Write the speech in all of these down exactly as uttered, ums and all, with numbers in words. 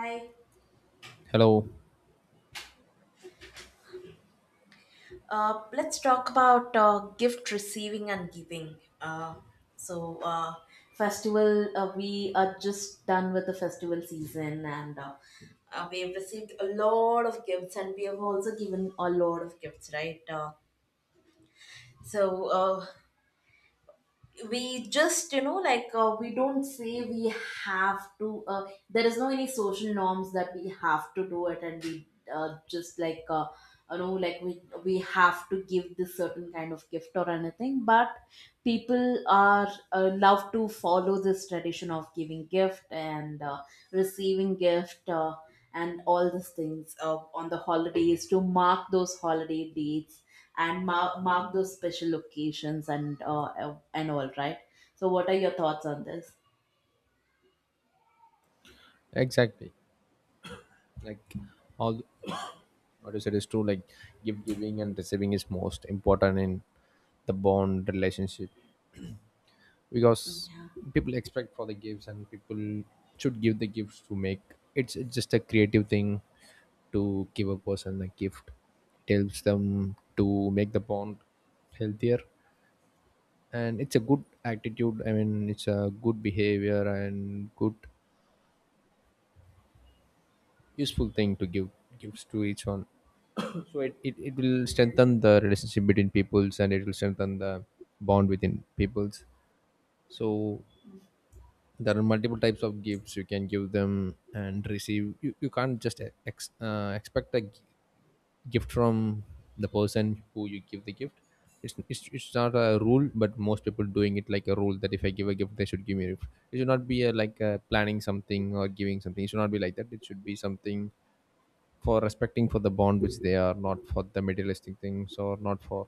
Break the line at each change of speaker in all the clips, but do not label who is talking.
Hi.
Hello.
Uh, let's talk about uh, gift receiving and giving. Uh, so, uh, Festival, uh, we are just done with the festival season and uh, uh, we have received a lot of gifts and we have also given a lot of gifts, right? Uh, so, uh, we just you know like uh, we don't say we have to uh, there is no any social norms that we have to do it and we uh, just like uh, you know like we we have to give this certain kind of gift or anything, but people are uh, love to follow this tradition of giving gift and uh, receiving gift uh, and all these things uh, on the holidays to mark those holiday dates and mark, mark those special occasions and uh, and all right, so what are your thoughts on this?
Exactly. Like all what you said is true. Like gift giving and receiving is most important in the bond relationship because
Yeah.
people expect for the gifts and people should give the gifts to make it's, it's just a creative thing to give a person a gift. It helps them to make the bond healthier, and it's a good attitude. I mean, it's a good behavior and good useful thing to give gifts to each one. So it, it, it will strengthen the relationship between peoples, and it will strengthen the bond within peoples. So there are multiple types of gifts you can give them and receive. You, you can't just ex, uh, expect a g- gift from the person who you give the gift. It's, it's, it's not a rule, but most people doing it like a rule that if I give a gift they should give me a gift. It should not be a, like a planning something or giving something. It should not be like that. It should be something for respecting for the bond which they are, not for the materialistic things or not for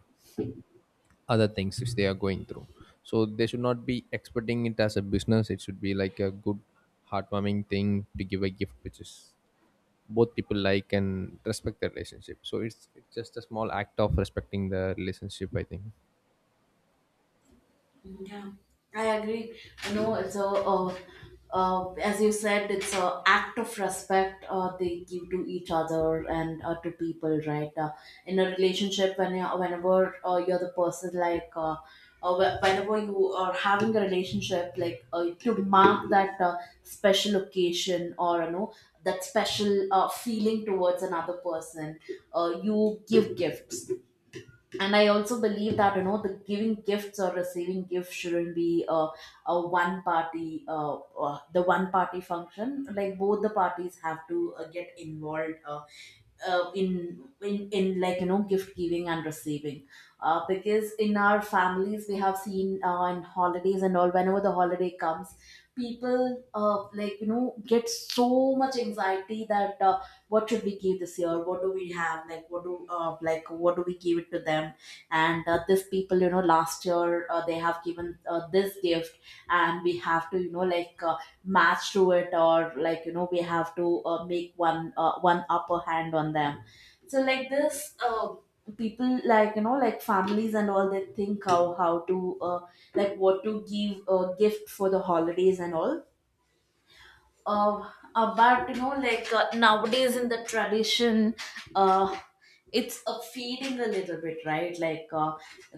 other things which they are going through. So they should not be expecting it as a business. It should be like a good, heartwarming thing to give a gift which is both people like and respect the relationship. So it's, it's just a small act of respecting the relationship, I think.
Yeah, I agree. You know, it's a, uh, uh, as you said, it's a act of respect uh, they give to each other and uh, to people, right? Uh, in a relationship, when you whenever uh, you're the person, like, uh, uh, wh- whenever you are having a relationship, like uh, to mark that uh, special occasion or you know that special uh, feeling towards another person, uh, you give gifts. And I also believe that you know the giving gifts or receiving gifts shouldn't be a, a one party uh, uh, the one party function, like both the parties have to uh, get involved uh, uh, in in in like you know gift giving and receiving, uh, because in our families we have seen uh, in holidays and all whenever the holiday comes people uh, like you know get so much anxiety that uh, what should we give this year, what do we have, like what do uh, like what do we give it to them. And uh, this people you know last year uh, they have given uh, this gift, and we have to you know like uh, match to it, or like you know we have to uh, make one uh, one upper hand on them. So like this uh, people like you know like families and all they think how how to uh, like what to give a uh, gift for the holidays and all. Uh, uh, but you know like uh, nowadays in the tradition, uh, it's a fading a little bit, right? Like uh,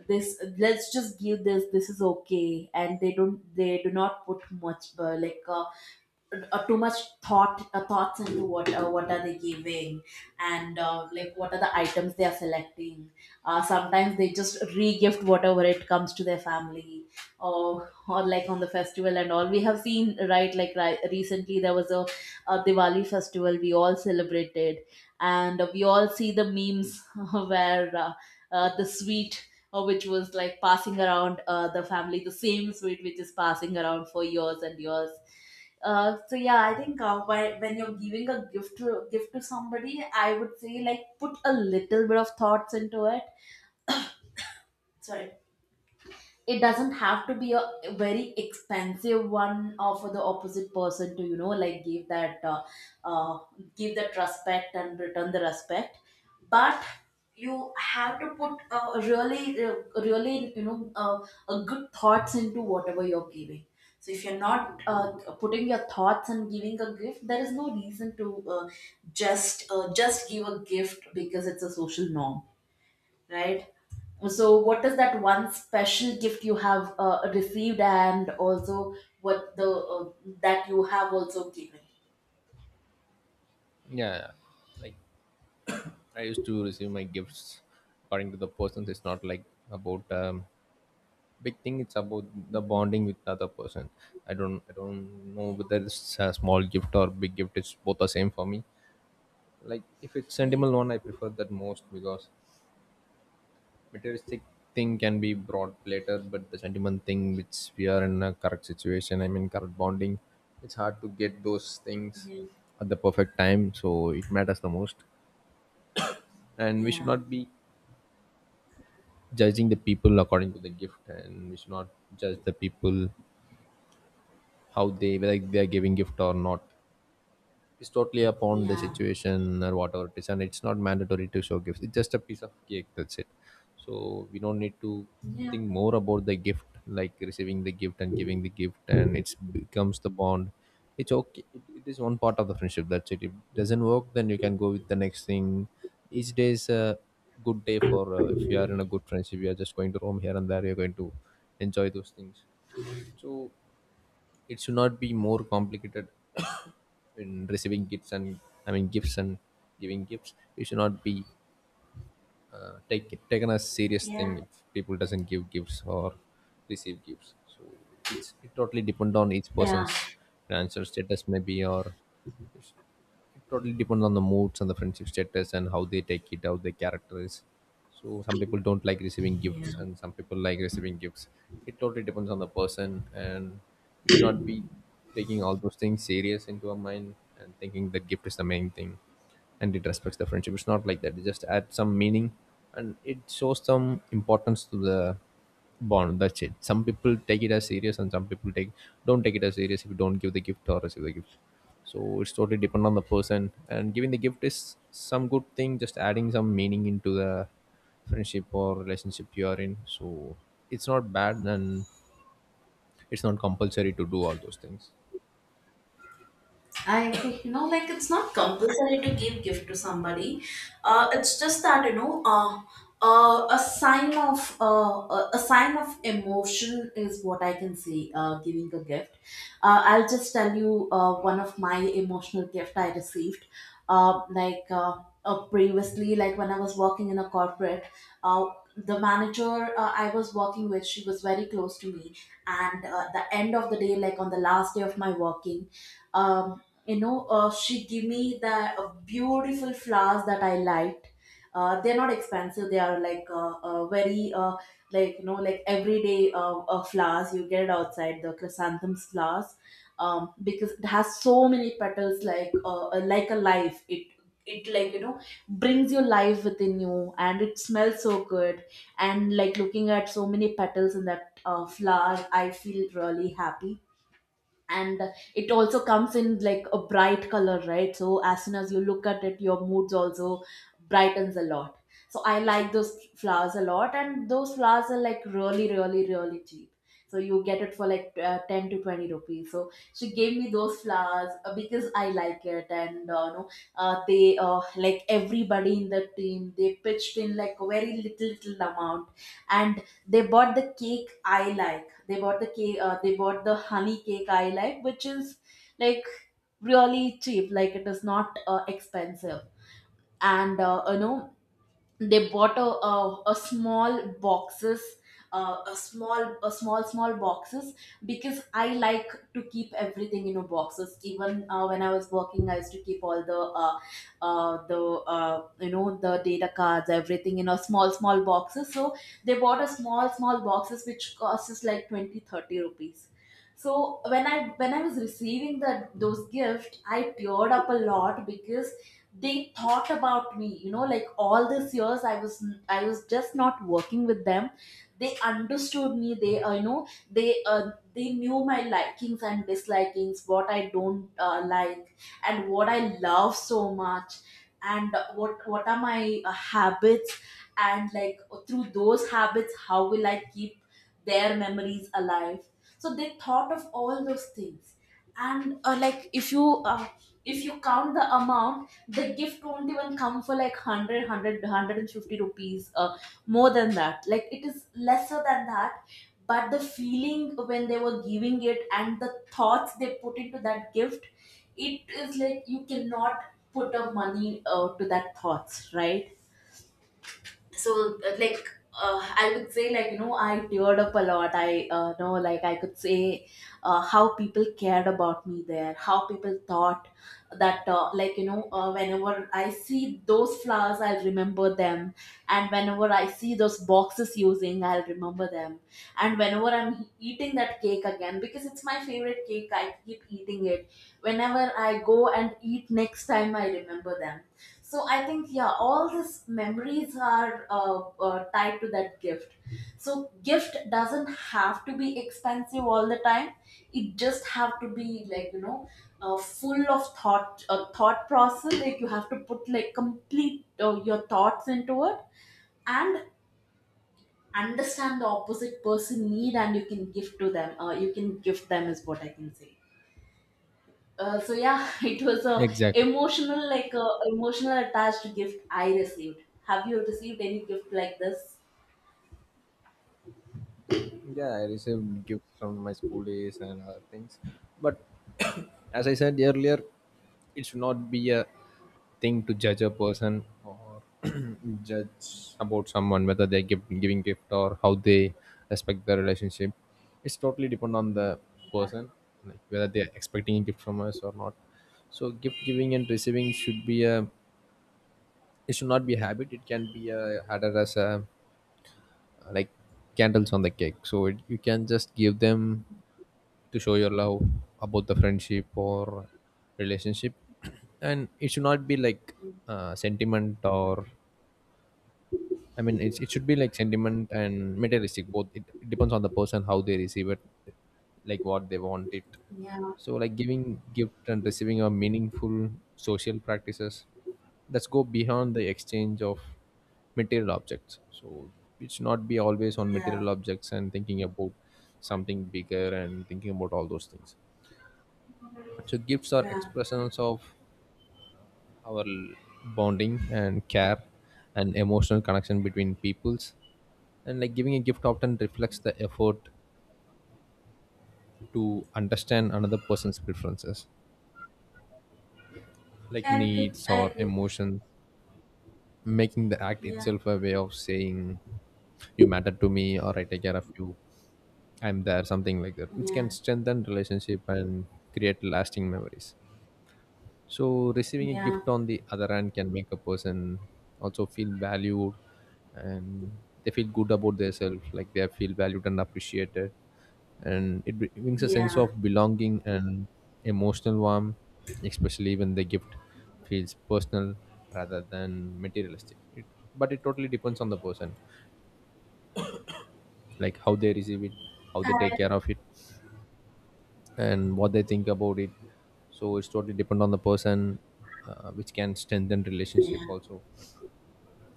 this, let's just give this, this is okay, and they don't they do not put much uh, like uh, uh, too much thought, uh, thoughts into what uh, what are they giving and uh, like what are the items they are selecting. Uh, sometimes they just re-gift whatever it comes to their family, or or like on the festival and all we have seen, right? Like ri- recently there was a, a diwali festival we all celebrated, and we all see the memes where uh, uh, the sweet uh, which was like passing around uh, the family, the same sweet which is passing around for years and years. Uh, so yeah, I think uh, why, when you're giving a gift to gift to somebody, I would say like put a little bit of thoughts into it. Sorry, it doesn't have to be a very expensive one uh, for the opposite person to you know like give that uh, uh, give that respect and return the respect, but you have to put uh, really uh, really you know uh, uh, good thoughts into whatever you're giving. So if you're not uh, putting your thoughts and giving a gift, there is no reason to uh, just uh, just give a gift because it's a social norm, right? So, what is that one special gift you have uh, received, and also what the uh, that you have also given?
Yeah, like I used to receive my gifts according to the persons. It's not like about um, big thing. It's about the bonding with the other person. I don't i don't know whether it's a small gift or big gift, it's both the same for me. Like if it's
Yeah,
sentimental one, I prefer that most, because materialistic thing can be brought later, but the sentiment thing which we are in a correct situation, I mean correct bonding, it's hard to get those things
yeah,
at the perfect time, so it matters the most. And we should
yeah,
not be judging the people according to the gift, and we should not judge the people how they like they are giving gift or not. It's totally upon the
yeah,
situation or whatever it is, and it's not mandatory to show gifts. It's just a piece of cake. That's it. So we don't need to think more about the gift, like receiving the gift and giving the gift, and it becomes the bond. It's okay. It, it is one part of the friendship. That's it. If it doesn't work, then you can go with the next thing. Each day is a good day for uh, if you are in a good friendship. You are just going to roam here and there. You're going to enjoy those things. So it should not be more complicated in receiving gifts and I mean gifts and giving gifts. It should not be uh, take, taken as serious thing.
yeah,
If people doesn't give gifts or receive gifts, so it's it totally depend on each
yeah,
person's financial status maybe, or it totally depends on the moods and the friendship status and how they take it, how their character is. So some people don't like receiving
yeah.
gifts and some people like receiving gifts. It totally depends on the person, and we should not be taking all those things serious into our mind and thinking that gift is the main thing and it respects the friendship. It's not like that. It just adds some meaning and it shows some importance to the bond. That's it. Some people take it as serious and some people take, don't take it as serious if you don't give the gift or receive the gift. So it's totally depend on the person, and giving the gift is some good thing, just adding some meaning into the friendship or relationship you are in. So it's not bad, and it's not compulsory to do all those things.
I agree. You know, like it's not compulsory to give gift to somebody. Uh, it's just that you know, uh, uh, a sign of uh, a a sign of emotion is what I can say. Uh, giving a gift. Uh, I'll just tell you uh, one of my emotional gift I received. Uh, like uh, uh, Previously, like when I was working in a corporate, uh, the manager uh, I was working with, she was very close to me. And uh, the end of the day, like on the last day of my working. Um, you know uh, she give me the uh, beautiful flowers that I liked. Uh, they're not expensive, they are like uh, uh, very uh, like you know like everyday uh, uh, flowers you get outside, the chrysanthemums flowers, um, because it has so many petals, like uh, uh, like a life. It it like you know brings your life within you, and it smells so good. And like looking at so many petals in that uh, flower I feel really happy, and it also comes in like a bright color, right? So as soon as you look at it your moods also brightens a lot. So I like those flowers a lot, and those flowers are like really really really cheap. So you get it for like uh, ten to twenty rupees. So she gave me those flowers uh, because I like it. And uh, no, uh, they uh, like everybody in the team they pitched in like a very little little amount, and they bought the cake I like. They bought the cake. Uh, they bought the honey cake I like, which is like really cheap. Like it is not uh, expensive. And uh, you know they bought a, a, a small boxes, uh, a small a small small boxes, because I like to keep everything in a boxes. Even uh, when I was working I used to keep all the uh, uh, the uh, you know the data cards everything in a small small boxes. So they bought a small small boxes which costs like twenty thirty rupees. So when i when i was receiving that those gift I teared up a lot, because they thought about me, you know, like all these years I was, I was just not working with them, they understood me. They uh, you know they uh, they knew my likings and dislikings, what I don't uh, like and what I love so much. And uh, what what are my uh, habits, and like through those habits how will I keep their memories alive. So they thought of all those things. And uh, like if you uh, if you count the amount, the gift won't even come for like one hundred rupees, uh, more than that, like it is lesser than that. But the feeling when they were giving it and the thoughts they put into that gift, it is like you cannot put a money uh, to that thoughts, right? So uh, like uh, I would say, like, you know, I teared up a lot. I uh, know, like I could say uh, how people cared about me there, how people thought that, uh, like you know uh, whenever I see those flowers I'll remember them, and whenever I see those boxes using I'll remember them, and whenever I'm eating that cake again, because it's my favorite cake I keep eating it, whenever I go and eat next time I remember them. So I think yeah, all these memories are uh, uh, tied to that gift. So gift doesn't have to be expensive all the time. It just have to be like you know, uh, full of thought, uh, thought process. Like you have to put like complete uh, your thoughts into it, and understand the opposite person need, and you can give to them. Uh, you can give them is what I can say. Uh, so yeah, it was a
Exactly.
emotional, like a emotional attached gift I received. Have you received any gift like this?
Yeah, I received gifts from my school days and other things. But as I said earlier, it should not be a thing to judge a person or judge about someone whether they give, giving gift or how they respect the relationship. It's totally depend on the person, like whether they're expecting a gift from us or not. So gift giving and receiving should be a, it should not be a habit. It can be a added as a, like candles on the cake, so it, you can just give them to show your love about the friendship or relationship. And it should not be like uh, sentiment or, I mean, it's, it should be like sentiment and materialistic. Both it, it depends on the person how they receive it, like what they want it.
Yeah,
So, like giving gift and receiving are meaningful social practices that go beyond the exchange of material objects. So, it should not be always on
yeah,
material objects and thinking about something bigger and thinking about all those things. So, gifts are
yeah.
expressions of our bonding and care and emotional connection between peoples, and like giving a gift often reflects the effort to understand another person's preferences, like
I agree.
needs
I
or
agree.
emotions, making the act
Yeah,
itself a way of saying you matter to me or I take care of you, I'm there, something like that, which
yeah,
can strengthen relationship and create lasting memories. So receiving a
yeah,
gift on the other hand can make a person also feel valued, and they feel good about themselves, like they feel valued and appreciated. And it br- brings a sense
yeah.
of belonging and emotional warmth, especially when the gift feels personal rather than materialistic. It, but it totally depends on the person, like how they receive it, how they take
I,
care of it, and what they think about it. So it's totally depend on the person, uh, which can strengthen relationship
yeah,
also.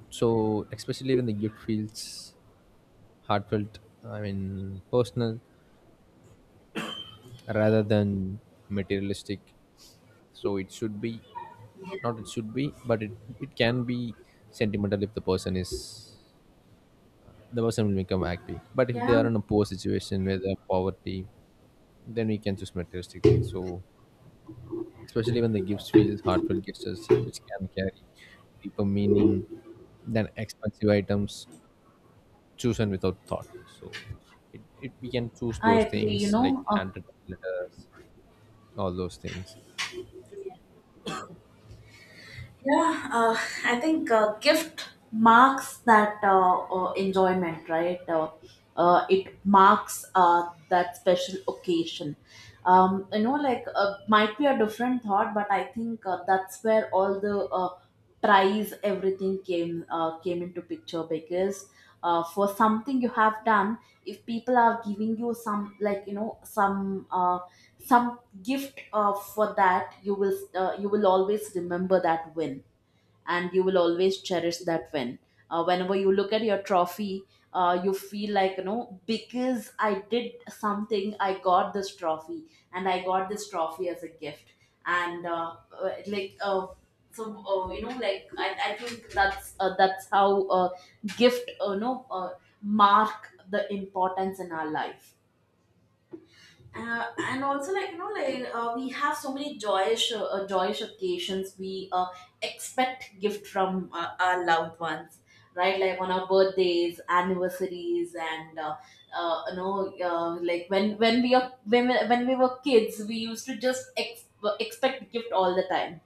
So especially when the gift feels heartfelt, I mean personal, rather than materialistic. So it should be, not it should be, but it it can be sentimental if the person is, the person will become happy. But if they
yeah,
are in a poor situation where they have poverty, then we can choose materialistic things. So especially when the gifts feel heartfelt gestures which can carry deeper meaning than expensive items chosen without thought. So it, it we can choose
I
those
agree. You
things like
know, uh,
handwritten letters, all those things.
yeah, uh, I think uh, gift marks that uh, uh, enjoyment, right? Uh, uh, it marks uh, that special occasion. Um, you know, like uh, might be a different thought, but I think uh, that's where all the uh, prize, everything came uh, came into picture, because uh, for something you have done, if people are giving you some, like you know, some. Uh, some gift uh, for that you will uh, you will always remember that win, and you will always cherish that win uh, whenever you look at your trophy. Uh, you feel like you know because I did something, I got this trophy, and I got this trophy as a gift. And uh, uh, like uh, so uh, you know like I, I think that's uh, that's how uh, gift uh, you know uh, mark the importance in our life. Uh, and also like you know like uh, we have so many joyous uh, uh, joyous occasions. We uh, expect gift from uh, our loved ones, right? Like on our birthdays, anniversaries, and uh, uh, you know uh, like when when we are when, we- when we were kids, we used to just ex- expect gift all the time,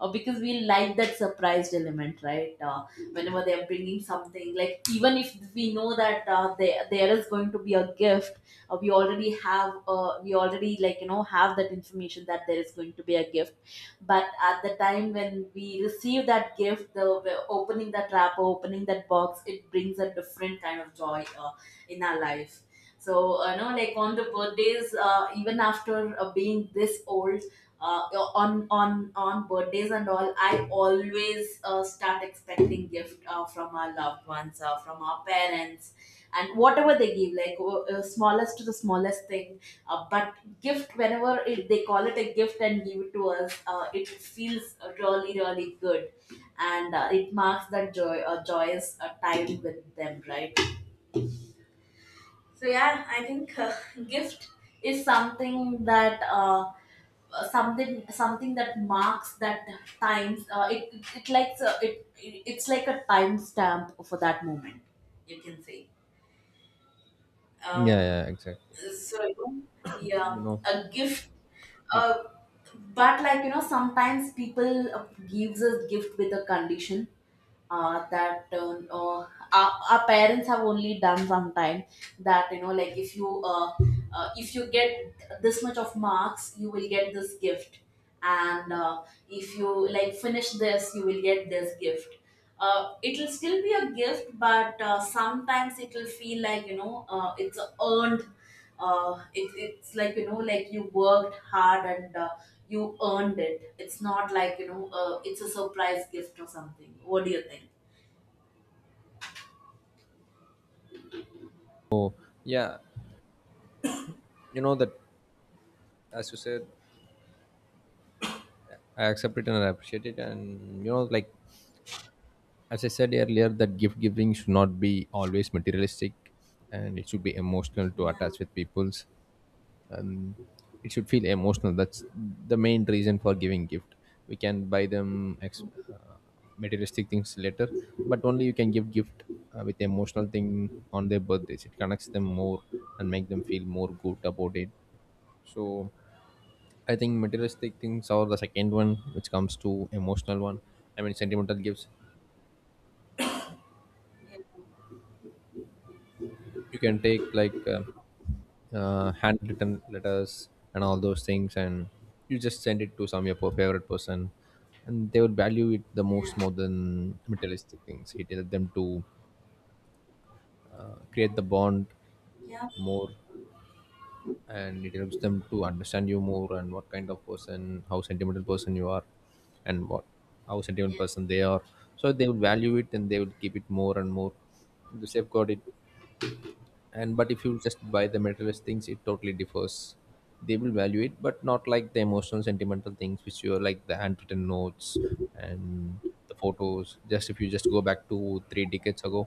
uh, because we like that surprised element, right? Uh, whenever they are bringing something, like even if we know that uh, there there is going to be a gift, uh, we already have, uh, we already like you know have that information that there is going to be a gift. But at the time when we receive that gift, the the opening that wrapper, opening that box, it brings a different kind of joy uh, in our life. So, uh, know, like on the birthdays, uh, even after uh, being this old, uh, on on on birthdays and all, I always uh, start expecting gift uh, from our loved ones, uh, from our parents, and whatever they give, like o- uh, smallest to the smallest thing. Uh, but gift, whenever it, they call it a gift and give it to us, uh, it feels really really good, and uh, it marks that joy, uh, joyous uh, time with them, right? So yeah, I think uh, gift is something that uh, uh, something something that marks that times. Uh, it it, it likes uh, it, it it's like a time stamp for that moment. You can say.
Yeah,
Um,
yeah, exactly.
so yeah,
You know.
a gift. Uh, but like you know, sometimes people uh, gives a gift with a condition, uh, that uh, uh, our, our parents have only done sometime, that you know like if you uh, uh, if you get this much of marks, you will get this gift, and uh, if you like finish this, you will get this gift. Uh, it will still be a gift, but uh, sometimes it will feel like you know uh, it's a earned, uh, it, it's like you know like you worked hard, and uh, you earned it. It's not like you know uh, it's a surprise gift or something. What do you think?
Yeah, you know that, as you said, I accept it and I appreciate it. And you know, like, as I said earlier, that gift giving should not be always materialistic, and it should be emotional to
Yeah.
attach with people. um, it should feel emotional. That's the main reason for giving gift. We can buy them ex- uh, materialistic things later, but only you can give gift uh, with emotional thing on their birthdays. It connects them more and make them feel more good about it. So I think materialistic things are the second one which comes to emotional one, I mean sentimental gifts. You can take like uh, uh, handwritten letters and all those things, and you just send it to some your po- favorite person, and they would value it the most,
Yeah.
more than materialistic things. It helps them to uh, create the bond
Yeah.
more, and it helps them to understand you more and what kind of person, how sentimental person you are, and what, how sentimental person they are. So they would value it and they would keep it more and more to safeguard it. And but if you just buy the materialist things, it totally differs. They will value it, but not like the emotional sentimental things which you are, like the handwritten notes and the photos. Just if you just go back to three decades ago,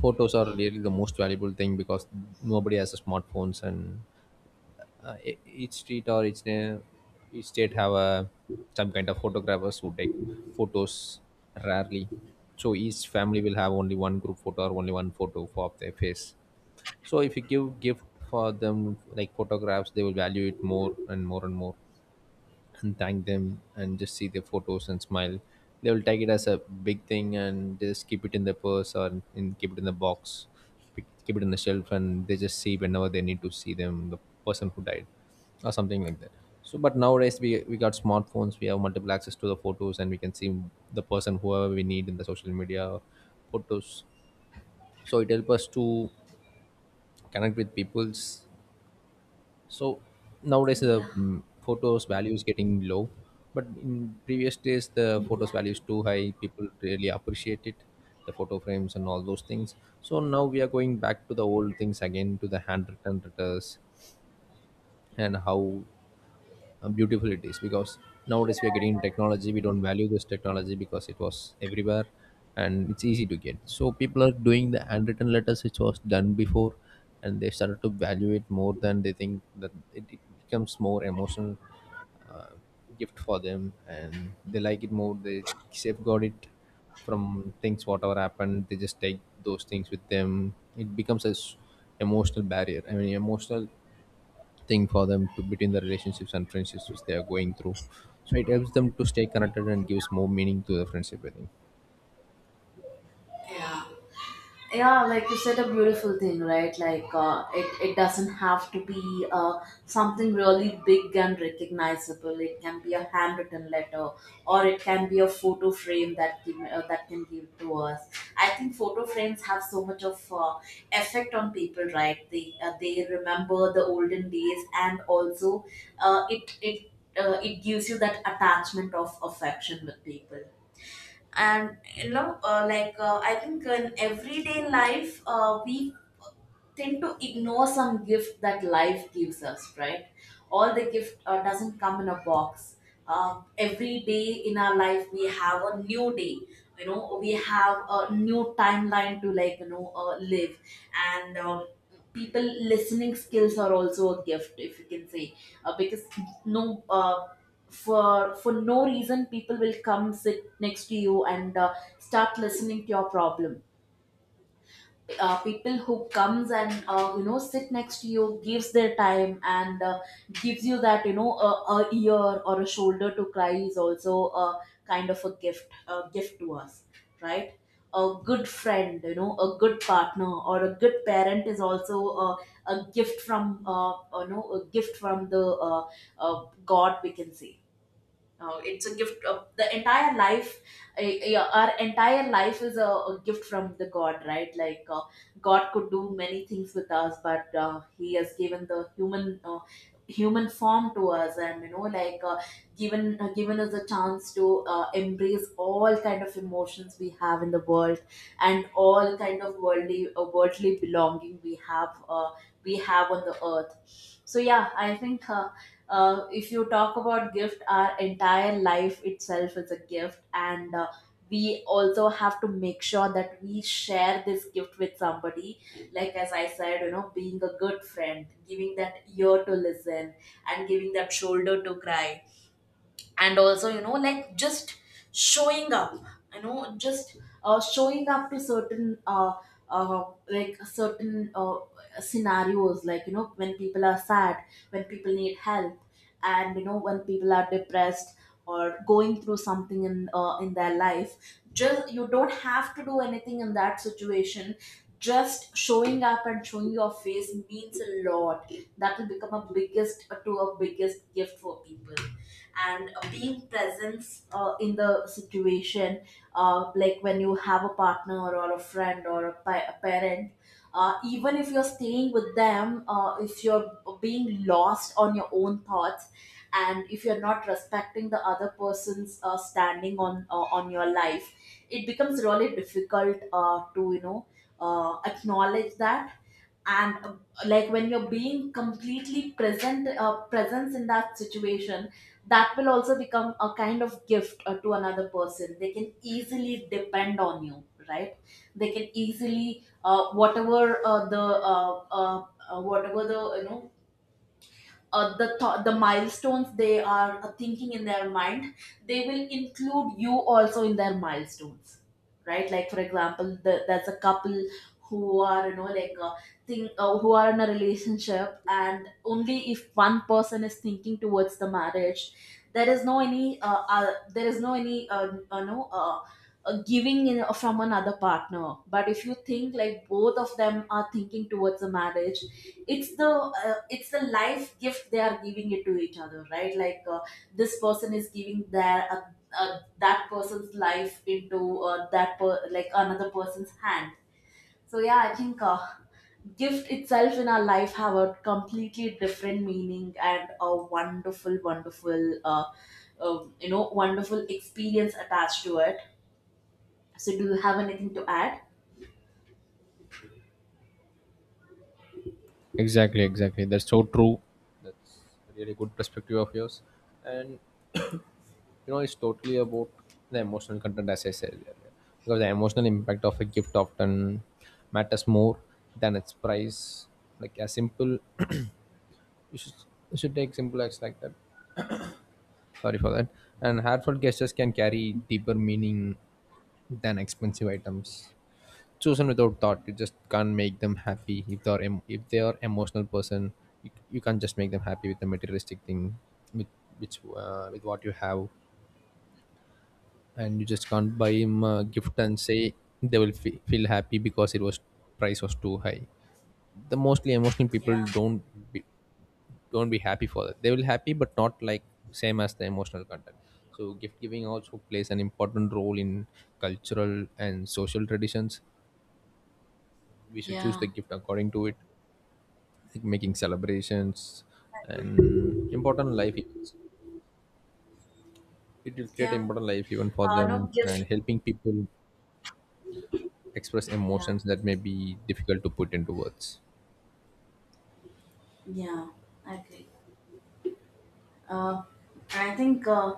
photos are really the most valuable thing because nobody has a smartphones, and uh, e- each street or each na- each state have a some kind of photographers who take photos rarely. So each family will have only one group photo or only one photo for of their face. So if you give gift for them like photographs, they will value it more and more and more, and thank them and just see their photos and smile. They will take it as a big thing and just keep it in their purse or in, keep it in the box, pick- keep it in the shelf, and they just see whenever they need to see them, the person who died or something like that. So but nowadays we we got smartphones, we have multiple access to the photos, and we can see the person whoever we need in the social media or photos. So it helps us to connect with peoples. So nowadays the
Yeah.
mm, photos value is getting low, but in previous days the photos value
Yeah.
is too high. People really appreciate it, the photo frames and all those things. So now we are going back to the old things again, to the handwritten letters, and how uh, beautiful it is because nowadays we are getting technology, we don't value this technology because it was everywhere and it's easy to get. So people are doing the handwritten letters which was done before, and they started to value it more than they think, that it it becomes more emotional uh, gift for them, and they like it more. They safeguard it from things, whatever happened, they just take those things with them. It becomes a s- emotional barrier, I mean emotional thing for them to between the relationships and friendships which they are going through. So it helps them to stay connected and gives more meaning to the friendship, I think.
Yeah, yeah, like you said, a beautiful thing, right? Like uh, it, it doesn't have to be uh, something really big and recognizable. It can be a handwritten letter, or it can be a photo frame that can, uh, that can give to us. I think photo frames have so much of uh, effect on people, right? They uh, they remember the olden days, and also uh, it it uh, it gives you that attachment of affection with people. And you know uh, like uh, I think in everyday life, uh, we tend to ignore some gift that life gives us, right? All the gift uh, doesn't come in a box. Uh, every day in our life, we have a new day. You know, we have a new timeline to like you know uh, live. And um, people listening skills are also a gift, if you can say, uh, because no uh, for for no reason people will come sit next to you and uh, start listening to your problem. Uh, people who comes and uh, you know sit next to you, gives their time, and uh, gives you that you know a, a ear or a shoulder to cry, is also a kind of a gift, a gift to us, right? A good friend, you know, a good partner or a good parent is also a, a gift from uh, you know, a gift from the uh, uh, god, we can say. Uh, it's a gift of the entire life. Uh, yeah, our entire life is a, a gift from the God, right? Like uh, God could do many things with us, but uh, He has given the human uh, human form to us, and you know, like uh, given uh, given us a chance to uh, embrace all kind of emotions we have in the world, and all kind of worldly uh, worldly belonging we have uh, we have on the earth. So yeah, I think. Uh, uh, if you talk about gift, our entire life itself is a gift, and uh, we also have to make sure that we share this gift with somebody, like as I said, you know, being a good friend, giving that ear to listen, and giving that shoulder to cry, and also you know like just showing up. You know, just uh, showing up to certain uh, uh, like certain uh, scenarios, like you know, when people are sad, when people need help, and you know, when people are depressed or going through something in uh, in their life. Just you don't have to do anything in that situation. Just showing up and showing your face means a lot. That will become a biggest uh, to a biggest gift for people. And being present, uh, in the situation, uh, like when you have a partner or a friend or a, pa- a parent, uh, even if you're staying with them, uh, if you're being lost on your own thoughts, and if you're not respecting the other person's uh, standing on uh, on your life, it becomes really difficult uh, to you know uh, acknowledge that. And uh, like when you're being completely present, uh, presence in that situation, that will also become a kind of gift uh, to another person. They can easily depend on you, right? They can easily uh, whatever uh, the uh, uh, uh, whatever the you know uh, the th- the milestones they are uh, thinking in their mind, they will include you also in their milestones, right? Like for example, the, there's a couple who are you know like uh, think uh, who are in a relationship, and only if one person is thinking towards the marriage, there is no any uh, uh, there is no any uh, uh, no uh, uh, giving in, uh, from another partner. But if you think like both of them are thinking towards a marriage, it's the uh, it's the life gift they are giving it to each other, right? Like uh, this person is giving their uh, uh, that person's life into uh, that per- like another person's hand. So yeah, I think uh, gift itself in our life have a completely different meaning, and a wonderful wonderful uh, um, you know wonderful experience attached to it. So do you have anything to add?
Exactly, exactly. That's so true. That's a really good perspective of yours. And you know, it's totally about the emotional content, as I said earlier, because the emotional impact of a gift often matters more than its price. Like a simple you should, you should take simple acts like that. Sorry for that. And heartfelt gestures can carry deeper meaning than expensive items chosen without thought. You just can't make them happy if they are em- if they are emotional person. You, you can't just make them happy with the materialistic thing, with which uh, with what you have, and you just can't buy him a gift and say they will fe feel happy because it was price was too high. The mostly emotional people
Yeah.
don't be, don't be happy for that. They will happy but not like same as the emotional content. So gift giving also plays an important role in cultural and social traditions. We should choose
Yeah.
the gift according to it, like making celebrations and important life events. It will create
Yeah.
important life even for
Uh no
them and
gift.
helping people express
Yeah.
emotions that may be difficult to put into words.
Yeah, I agree. Uh, I think uh,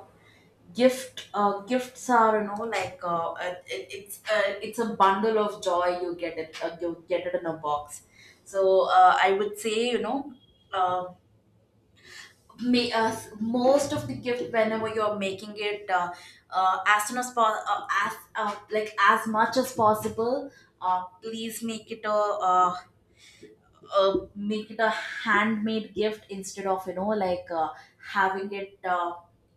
gift uh, gifts are you know like uh, it, it's uh, it's a bundle of joy. You get it uh, you get it in a box. So uh, I would say you know uh, may, uh, most of the gift whenever you're making it, uh, uh, as soon as po- uh, as uh, like as much as possible. Uh, please make it a, uh uh, make it a handmade gift, instead of you know like uh, having it uh,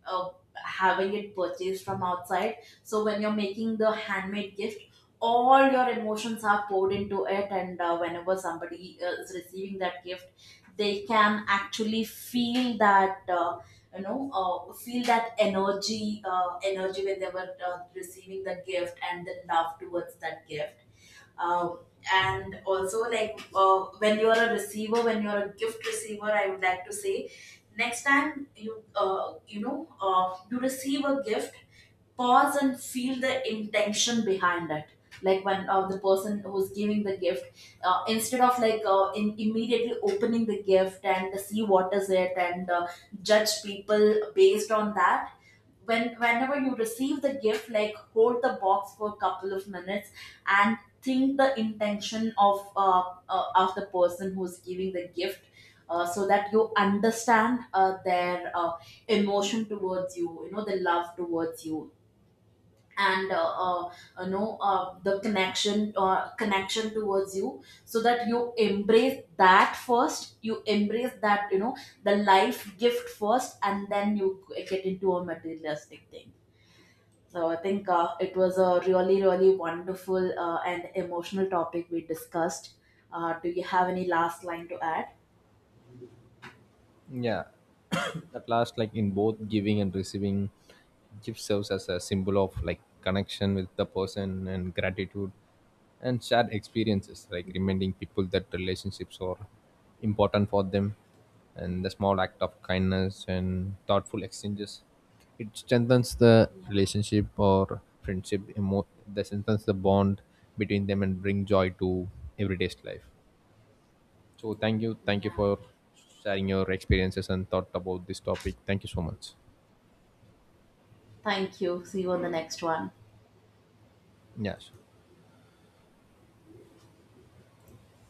uh, having it purchased from outside. So when you're making the handmade gift, all your emotions are poured into it, and uh, whenever somebody uh, is receiving that gift, they can actually feel that uh, you know uh, feel that energy, uh, energy when they were uh, receiving the gift, and the love towards that gift. uh, and also like uh, when you're a receiver, when you're a gift receiver, I would like to say, next time you uh, you know uh, you receive a gift, pause and feel the intention behind it. Like when uh, the person who's giving the gift, uh, instead of like uh, in immediately opening the gift and see what is it and uh, judge people based on that, when whenever you receive the gift, like hold the box for a couple of minutes, and think the intention of uh, uh, of the person who's giving the gift, uh, so that you understand uh, their uh, emotion towards you, you know, the love towards you, and uh, uh, you know uh, the connection, uh, connection towards you, so that you embrace that first, you embrace that you know, the life gift first, and then you get into a materialistic thing. So I think uh, it was a really really wonderful uh, and emotional topic we discussed. Uh, do you have any last line to add?
Yeah. At last, like in both giving and receiving, gift serves as a symbol of like connection with the person and gratitude and shared experiences, like reminding people that relationships are important for them, and the small act of kindness and thoughtful exchanges. It strengthens the relationship or friendship, emo- that strengthens the bond between them and bring joy to everyday's life. So thank you, thank you
Yeah,
for sharing your experiences and thought about this topic. Thank you so much.
thank you. See you on the next one.
Yes.